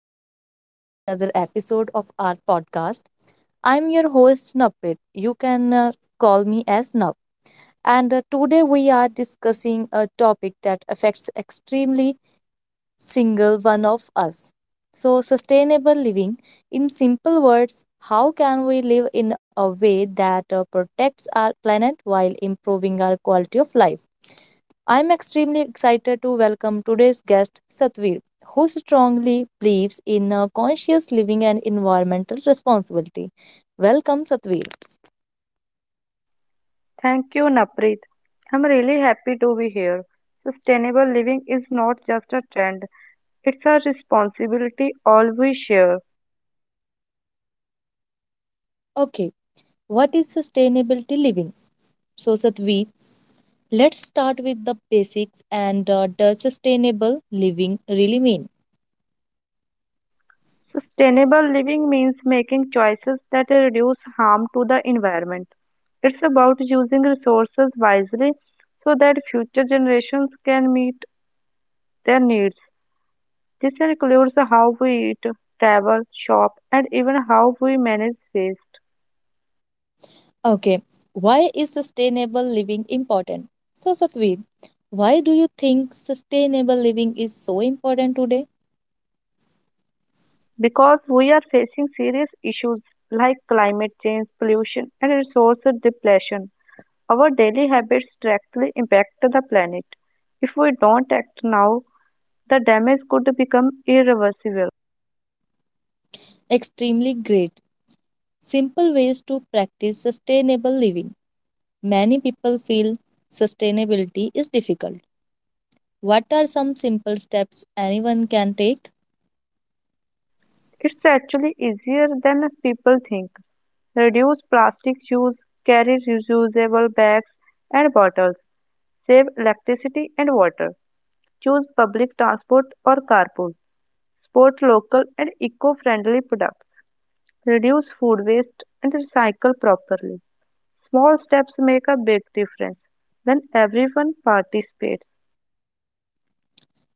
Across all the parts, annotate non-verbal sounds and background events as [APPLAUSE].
Welcome back to another episode of our podcast. I'm your host, Naprit. You can call me as Nap. And Today we are discussing a topic that affects extremely single one of us. So, sustainable living. In simple words, how can we live in a way that protects our planet while improving our quality of life? I'm extremely excited to welcome today's guest, Satvir, who strongly believes in conscious living and environmental responsibility. Welcome, Satvir. Thank you, Naprit. I'm really happy to be here. Sustainable living is not just a trend, it's a responsibility all we share. Okay, what is sustainability living? So, Satvir, let's start with the basics and does sustainable living really mean? Sustainable living means making choices that reduce harm to the environment. It's about using resources wisely so that future generations can meet their needs. This includes how we eat, travel, shop, and even how we manage waste. Okay, why is sustainable living important? So, Satvir, why do you think sustainable living is so important today? Because we are facing serious issues like climate change, pollution, and resource depletion. Our daily habits directly impact the planet. If we don't act now, the damage could become irreversible. Extremely great. Simple ways to practice sustainable living. Many people feel sustainability is difficult. What are some simple steps anyone can take? It's actually easier than people think. Reduce plastic use, carry reusable bags and bottles, save electricity and water, choose public transport or carpool, support local and eco friendly products. Reduce food waste, and recycle properly. Small steps make a big difference when everyone participates.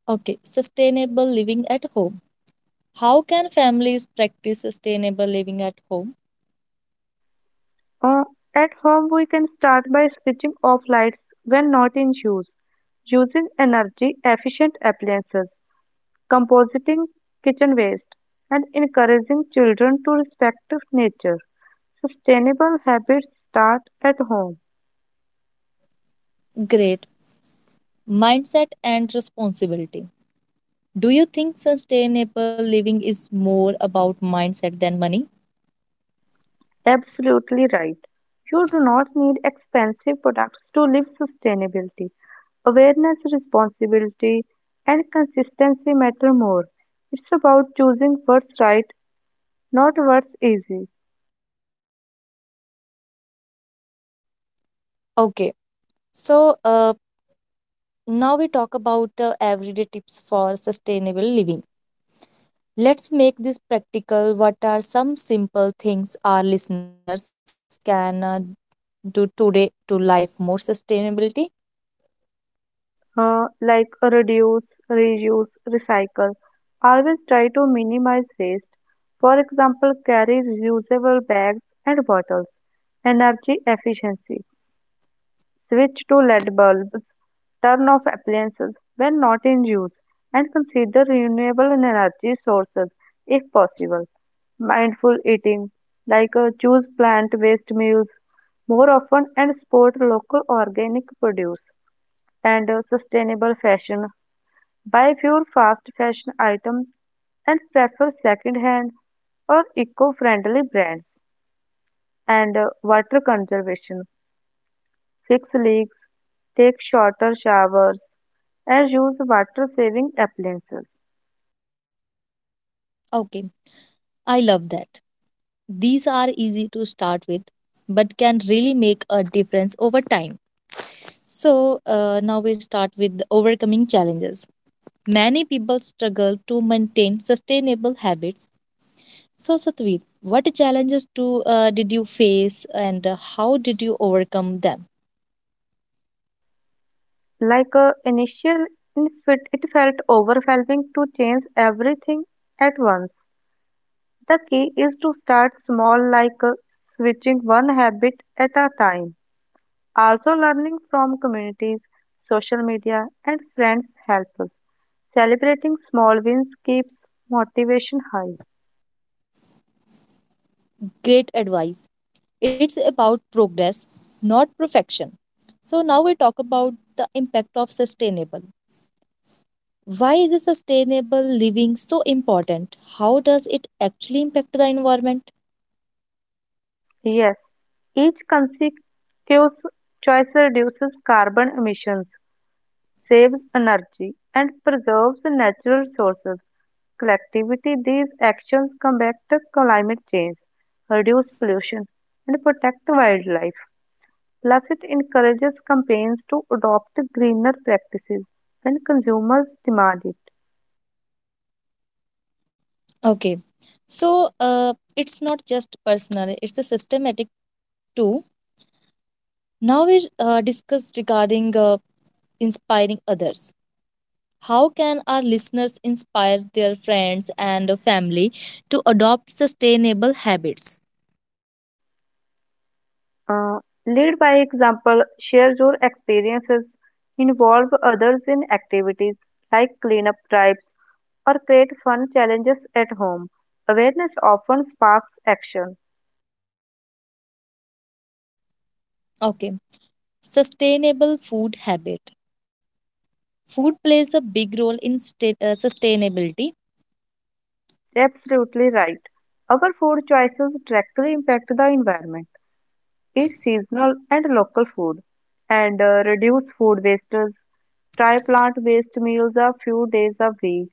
Okay, sustainable living at home. How can families practice sustainable living at home? Uh, at home, we can start by switching off lights when not in use, using energy efficient appliances, compositing kitchen waste, and encouraging children to respect nature. Sustainable habits start at home. Great. Mindset and responsibility. Do you think sustainable living is more about mindset than money? Absolutely right. You do not need expensive products to live sustainability. Awareness, responsibility, and consistency matter more. It's about choosing what's right, not what's easy. Okay, so now we talk about everyday tips for sustainable living. Let's make this practical. What are some simple things our listeners can do today to life more sustainability? Like reduce, reuse, recycle. Always try to minimize waste. For example, carry reusable bags and bottles. Energy efficiency. Switch to LED bulbs, turn off appliances when not in use, and consider renewable energy sources if possible. Mindful eating, like choose plant based meals more often and support local organic produce and sustainable fashion. Buy fewer fast fashion items and prefer second hand or eco friendly brands. And water conservation, fix leaks, take shorter showers, as use water saving appliances. Okay, I love that. These are easy to start with, but can really make a difference over time. So, now we start with overcoming challenges. Many people struggle to maintain sustainable habits. So, Satveer, what challenges do did you face and how did you overcome them? Like a initial infit, it felt overwhelming to change everything at once. The key is to start small, like switching one habit at a time. Also, learning from communities, social media, and friends helps us. Celebrating small wins keeps motivation high. Great advice. It's about progress, not perfection. So now we talk about the impact of sustainable. Why is sustainable living so important? How does it actually impact the environment? Yes, each consecutive choice reduces carbon emissions, saves energy, and preserves natural resources. Collectivity, these actions combat climate change, reduce pollution, and protect wildlife. Plus, it encourages companies to adopt greener practices when consumers demand it. Okay, so it's not just personal; it's a systematic too. Now we discuss regarding inspiring others. How can our listeners inspire their friends and family to adopt sustainable habits? Uh, Lead by example, share your experiences, involve others in activities like cleanup drives, or create fun challenges at home. Awareness often sparks action. Okay. Sustainable food habit. Food plays a big role in sustainability. Absolutely right. Our food choices directly impact the environment. Eat seasonal and local food and reduce food wastage. Try plant-based meals a few days a week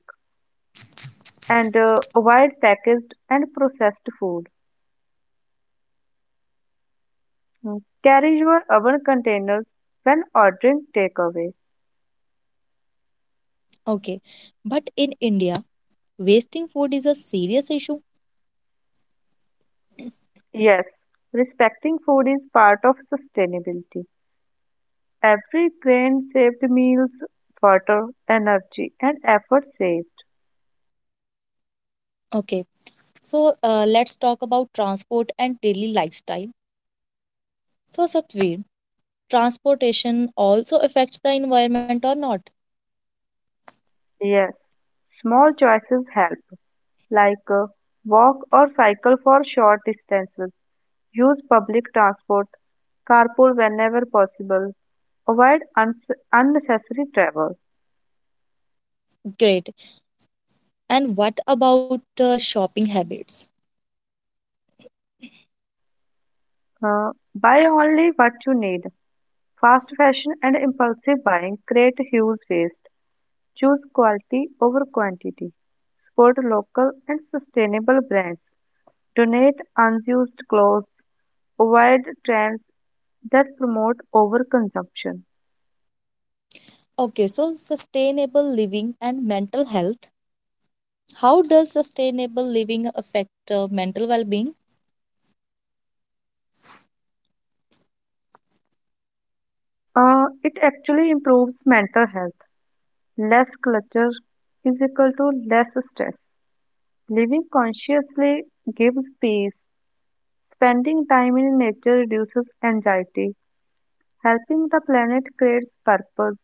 and avoid packaged and processed food. Mm. Carry your oven containers when ordering takeaway. Okay, but in India, wasting food is a serious issue. Yes, respecting food is part of sustainability. Every grain saved meals, water, energy, and effort saved. Okay, so let's talk about transport and daily lifestyle. So, Satvir, transportation also affects the environment or not? Yes, small choices help, like walk or cycle for short distances, use public transport, carpool whenever possible, avoid uns unnecessary travel. Great. And what about shopping habits? uh, Buy only what you need. Fast fashion and impulsive buying create huge waste. Choose quality over quantity. Support local and sustainable brands. Donate unused clothes. Avoid trends that promote overconsumption. Okay, so sustainable living and mental health. How does sustainable living affect mental well being? It actually improves mental health. Less clutter is equal to less stress. Living consciously gives peace. Spending time in nature reduces anxiety. Helping the planet creates purpose.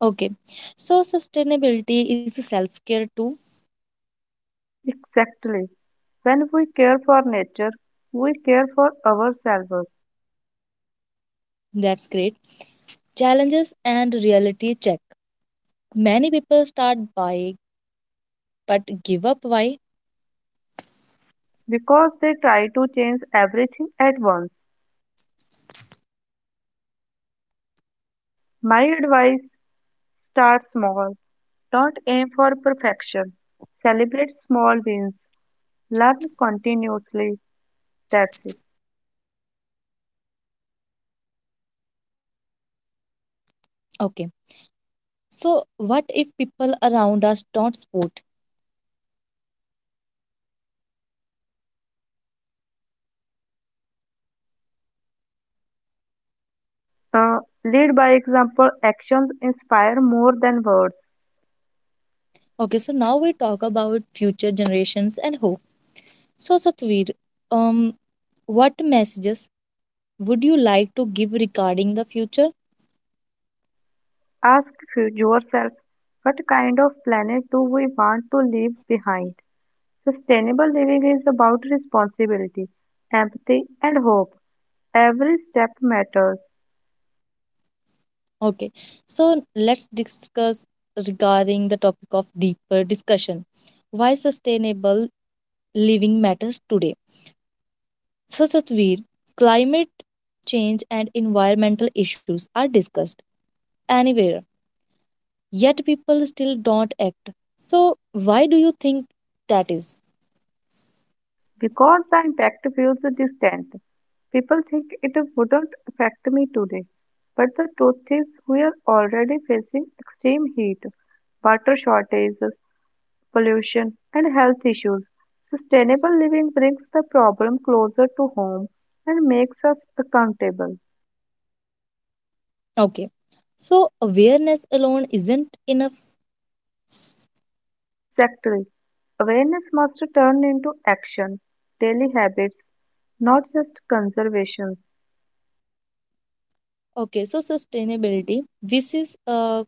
Okay, so sustainability is a self care too. Exactly. When we care for nature, we care for ourselves. That's great. Challenges and reality check. Many people start buying but give up. Why? Because they try to change everything at once. My advice, start small. Don't aim for perfection. Celebrate small wins. Learn continuously. That's it. Okay, so what if people around us don't support? Uh, Lead by example. Actions inspire more than words. Okay, so now we talk about future generations and hope. So, Satveer, um, what messages would you like to give regarding the future? Ask yourself, what kind of planet do we want to leave behind? Sustainable living is about responsibility, empathy, and hope. Every step matters. Okay, so let's discuss regarding the topic of deeper discussion, why sustainable living matters today, such as where climate change and environmental issues are discussed anywhere, yet people still don't act. So, why do you think that is? Because the impact feels distant. People think it wouldn't affect me today, but the truth is we are already facing extreme heat, water shortages, pollution, and health issues. Sustainable living brings the problem closer to home and makes us accountable. Okay, so awareness alone isn't enough. Exactly. Awareness must turn into action, daily habits, not just conservation. Okay, so sustainability, this is a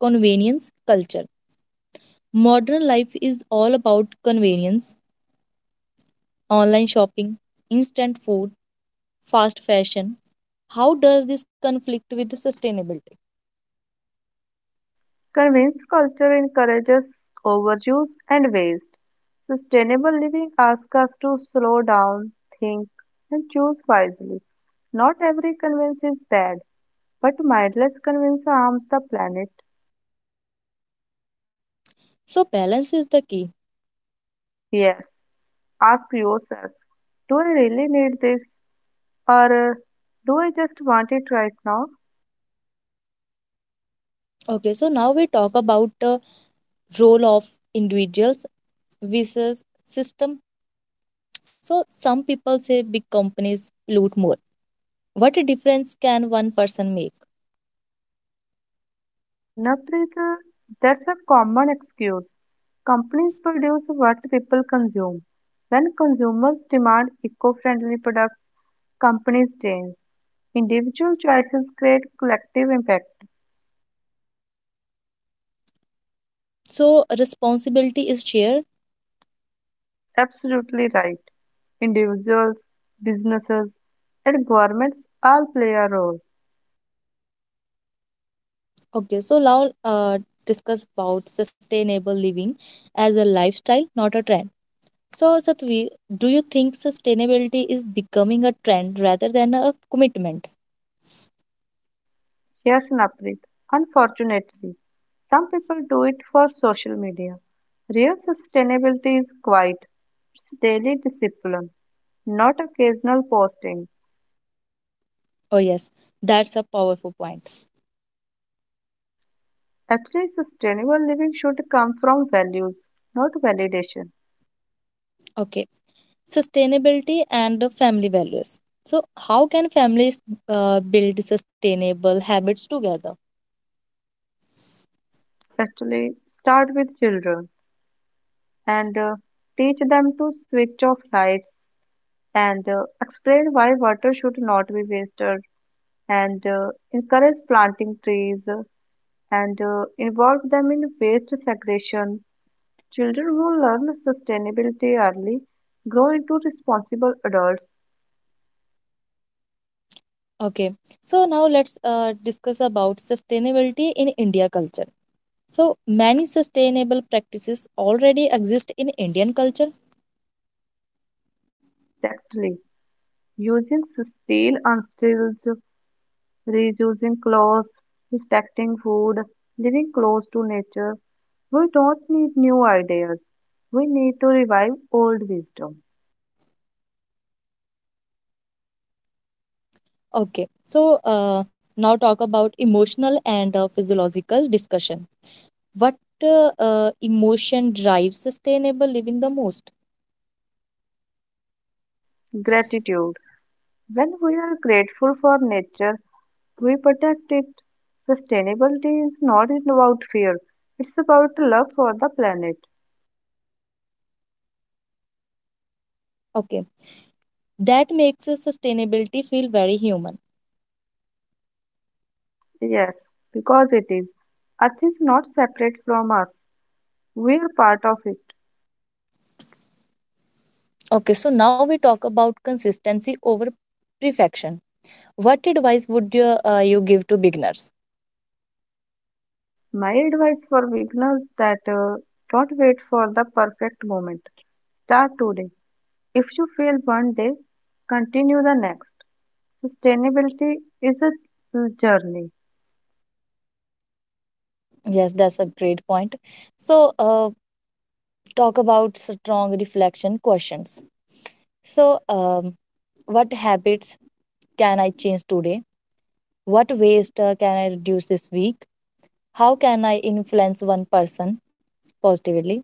convenience culture. Modern life is all about convenience, online shopping, instant food, fast fashion. How does this conflict with the sustainability? Convinced culture encourages overuse and waste. Sustainable living asks us to slow down, think, and choose wisely. Not every convince is bad, but mindless convince harms the planet. So balance is the key. Yes, ask yourself, do I really need this, or do I just want it right now? Okay, so now we talk about the role of individuals versus system. So some people say big companies pollute more. What a difference can one person make? Naprit, that's a common excuse. Companies produce what people consume. When consumers demand eco friendly products, companies change. Individual choices create collective impact. So responsibility is shared. Absolutely right. Individuals, businesses, and governments all play a role. Okay, so now discuss about sustainable living as a lifestyle, not a trend. So Satvi, do you think sustainability is becoming a trend rather than a commitment? Yes, Naprit. Unfortunately, some people do it for social media. Real sustainability is quite. It's daily discipline, not occasional posting. Oh yes, that's a powerful point. Actually, sustainable living should come from values, not validation. Okay. Sustainability and the family values. So how can families build sustainable habits together? Actually, start with children and teach them to switch off lights and explain why water should not be wasted and encourage planting trees, and involve them in waste segregation. Children who learn sustainability early grow into responsible adults. Okay, so now let's discuss about sustainability in India culture. So many sustainable practices already exist in Indian culture. Exactly. Using steel and steels, reusing clothes, respecting food, living close to nature. We don't need new ideas. We need to revive old wisdom. Okay, so uh, now talk about emotional and physiological discussion. What emotion drives sustainable living the most? Gratitude. When we are grateful for nature, we protect it. Sustainability is not about fear, it's about love for the planet. Okay, that makes sustainability feel very human. Yes, because it is. Earth is not separate from us, we are part of it. Okay, so now we talk about consistency over perfection. What advice would you, you give to beginners? My advice for beginners, that don't wait for the perfect moment. Start today. If you fail one day, continue the next. Sustainability is a journey. Yes, that's a great point. So, talk about strong reflection questions. So, what habits can I change today? What waste can I reduce this week? How can I influence one person positively?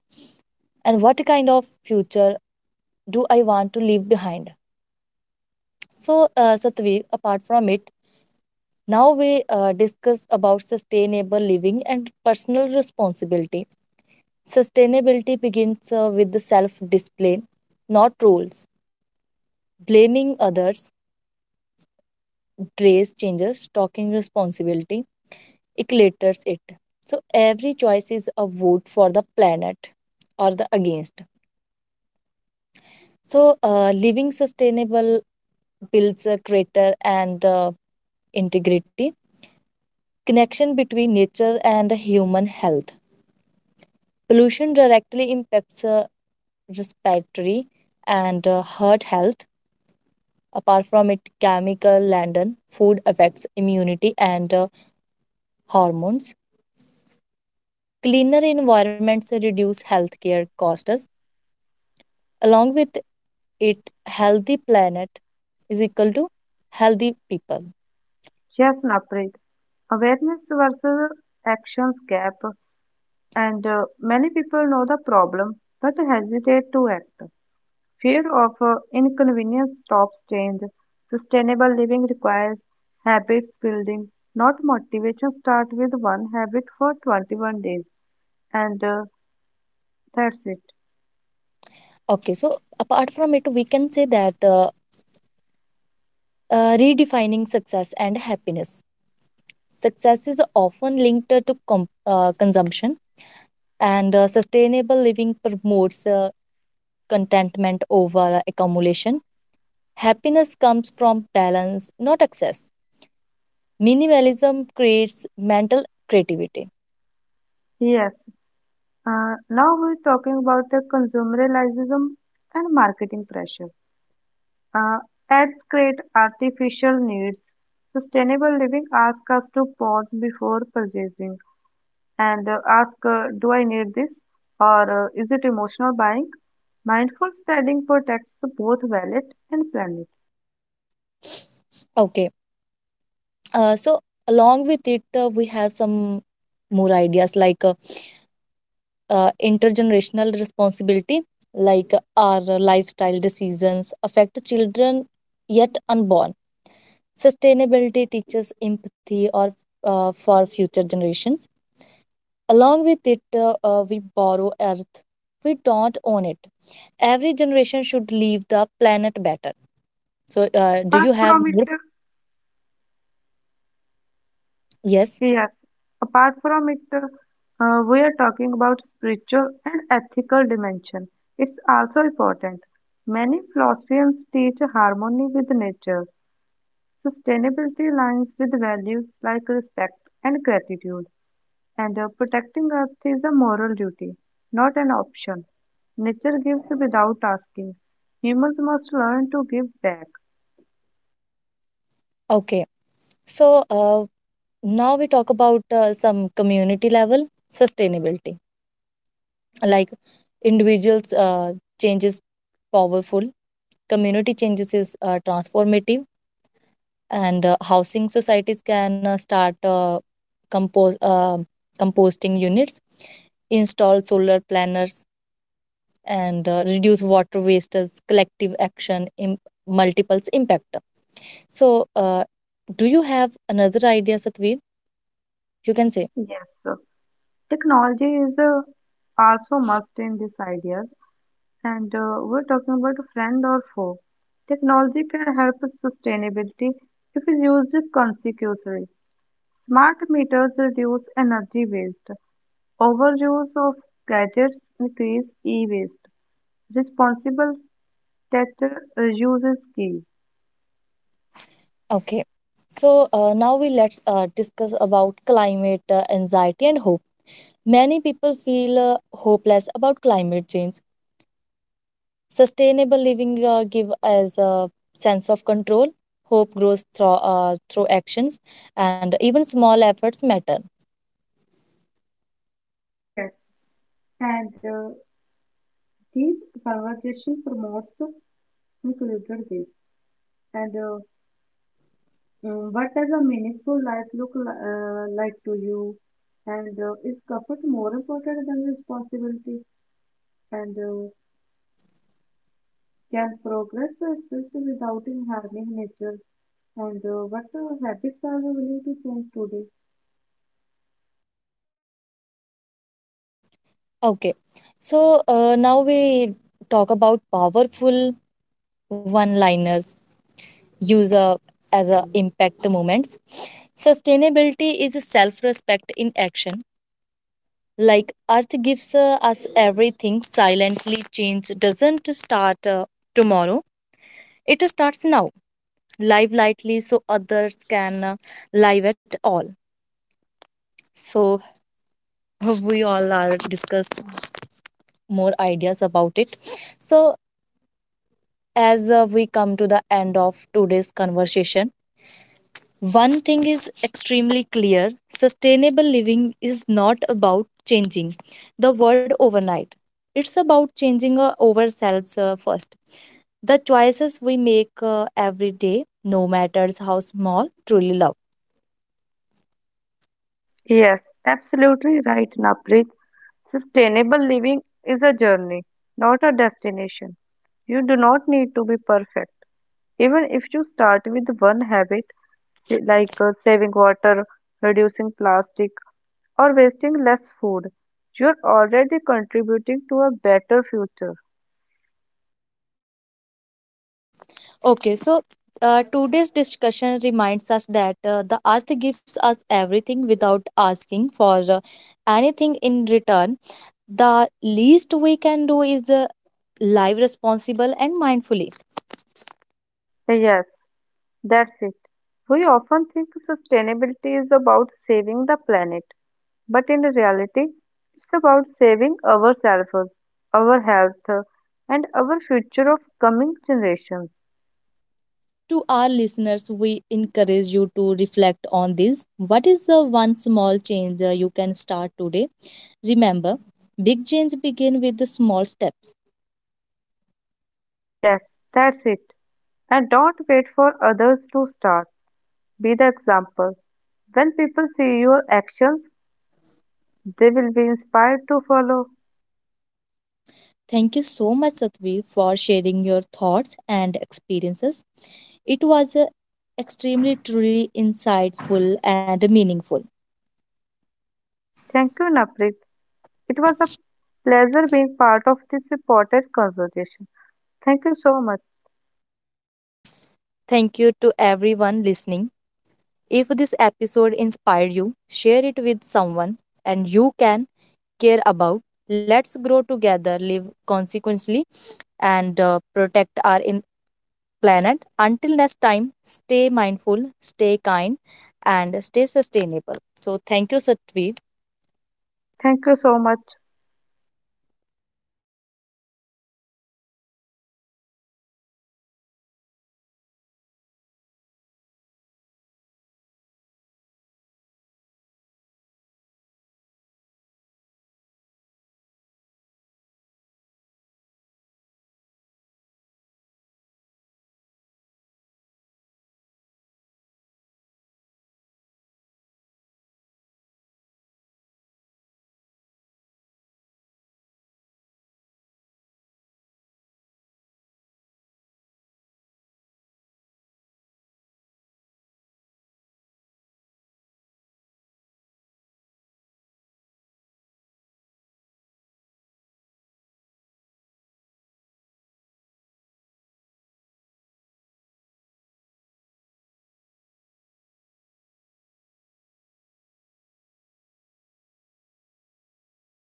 And what kind of future do I want to leave behind? So, Satvir, apart from it, now we discuss about sustainable living and personal responsibility. Sustainability begins with the self-discipline, not rules. Blaming others, dress changes, talking responsibility, eclaters it. So every choice is a vote for the planet or the against. So living sustainable builds a greater and integrity connection between nature and human health. Pollution directly impacts respiratory and heart health. Apart from it, chemical laden food affects immunity and hormones. Cleaner environments reduce healthcare costs. Along with it, healthy planet is equal to healthy people. Yes, Naprit. Awareness versus actions gap. And many people know the problem but hesitate to act. Fear of inconvenience stops change. Sustainable living requires habits building, not motivation. Start with one habit for 21 days, and that's it. Okay, so apart from it, we can say that redefining success and happiness. Success is often linked to consumption, and sustainable living promotes contentment over accumulation. Happiness comes from balance, not excess. Minimalism creates mental creativity. Yes, now we're talking about the consumerism and marketing pressure. Uh, Ads create artificial needs. Sustainable living asks us to pause before purchasing and ask, do I need this? Or is it emotional buying? Mindful spending protects both wallet and planet. Okay, so along with it, we have some more ideas like intergenerational responsibility, like our lifestyle decisions affect children yet unborn. Sustainability teaches empathy or for future generations. Along with it, we borrow earth. We don't own it. Every generation should leave the planet better. So, do Apart you have from it, more? Yes. yes, apart from it, we are talking about spiritual and ethical dimension. It's also important. Many philosophians teach harmony with nature. Sustainability aligns with values like respect and gratitude, and protecting Earth is a moral duty, not an option. Nature gives without asking. Humans must learn to give back. Okay. So, now we talk about some community level sustainability. Like individuals changes powerful, community changes is transformative, and housing societies can start compose composting units, install solar planners and reduce water waste as collective action in multiples impact. So do you have another idea, Satveer, you can say? Yes, sir. Technology is also must in this idea, and we're talking about friend or foe. Technology can help with sustainability if it's used consecutively. Smart meters reduce energy waste. Overuse of gadgets increase e-waste. Responsible tech use is key. Okay, so now we let's discuss about climate anxiety and hope. Many people feel hopeless about climate change. Sustainable living give us a sense of control. Hope grows through, through actions, and even small efforts matter. Yes, and this conversation promotes included this. And what does a meaningful life look like to you? And is comfort more important than responsibility? And can progress exist without harming nature? And what habits are you willing to change today? Okay. So now we talk about powerful one liners use as a impact moments. Sustainability is a self respect in action. Like Earth gives us everything silently, change doesn't start tomorrow, it starts now. Live lightly so others can live at all. So [LAUGHS] we all are discussed more ideas about it. So as we come to the end of today's conversation, one thing is extremely clear, sustainable living is not about changing the world overnight. It's about changing ourselves first. The choices we make every day, no matters how small, truly love. Yes, absolutely right, Naprit. Sustainable living is a journey, not a destination. You do not need to be perfect. Even if you start with one habit, like saving water, reducing plastic, or wasting less food, you're already contributing to a better future. Okay, so today's discussion reminds us that the earth gives us everything without asking for anything in return. The least we can do is live responsible and mindfully. Yes. That's it. We often think sustainability is about saving the planet, but in reality, it's about saving ourselves, our health, and our future of coming generations. To our listeners, we encourage you to reflect on this. What is the one small change you can start today? Remember, big change begin with the small steps. Yes, that's it. And don't wait for others to start. Be the example. When people see your actions, they will be inspired to follow. Thank you so much, Satveer, for sharing your thoughts and experiences. It was extremely truly insightful and meaningful. Thank you, Naprit. It was a pleasure being part of this important conversation. Thank you so much. Thank you to everyone listening. If this episode inspired you, share it with someone and you can care about. Let's grow together, live consequently, and protect our planet. Until next time, stay mindful, stay kind, and stay sustainable. So, thank you, Satvi. Thank you so much.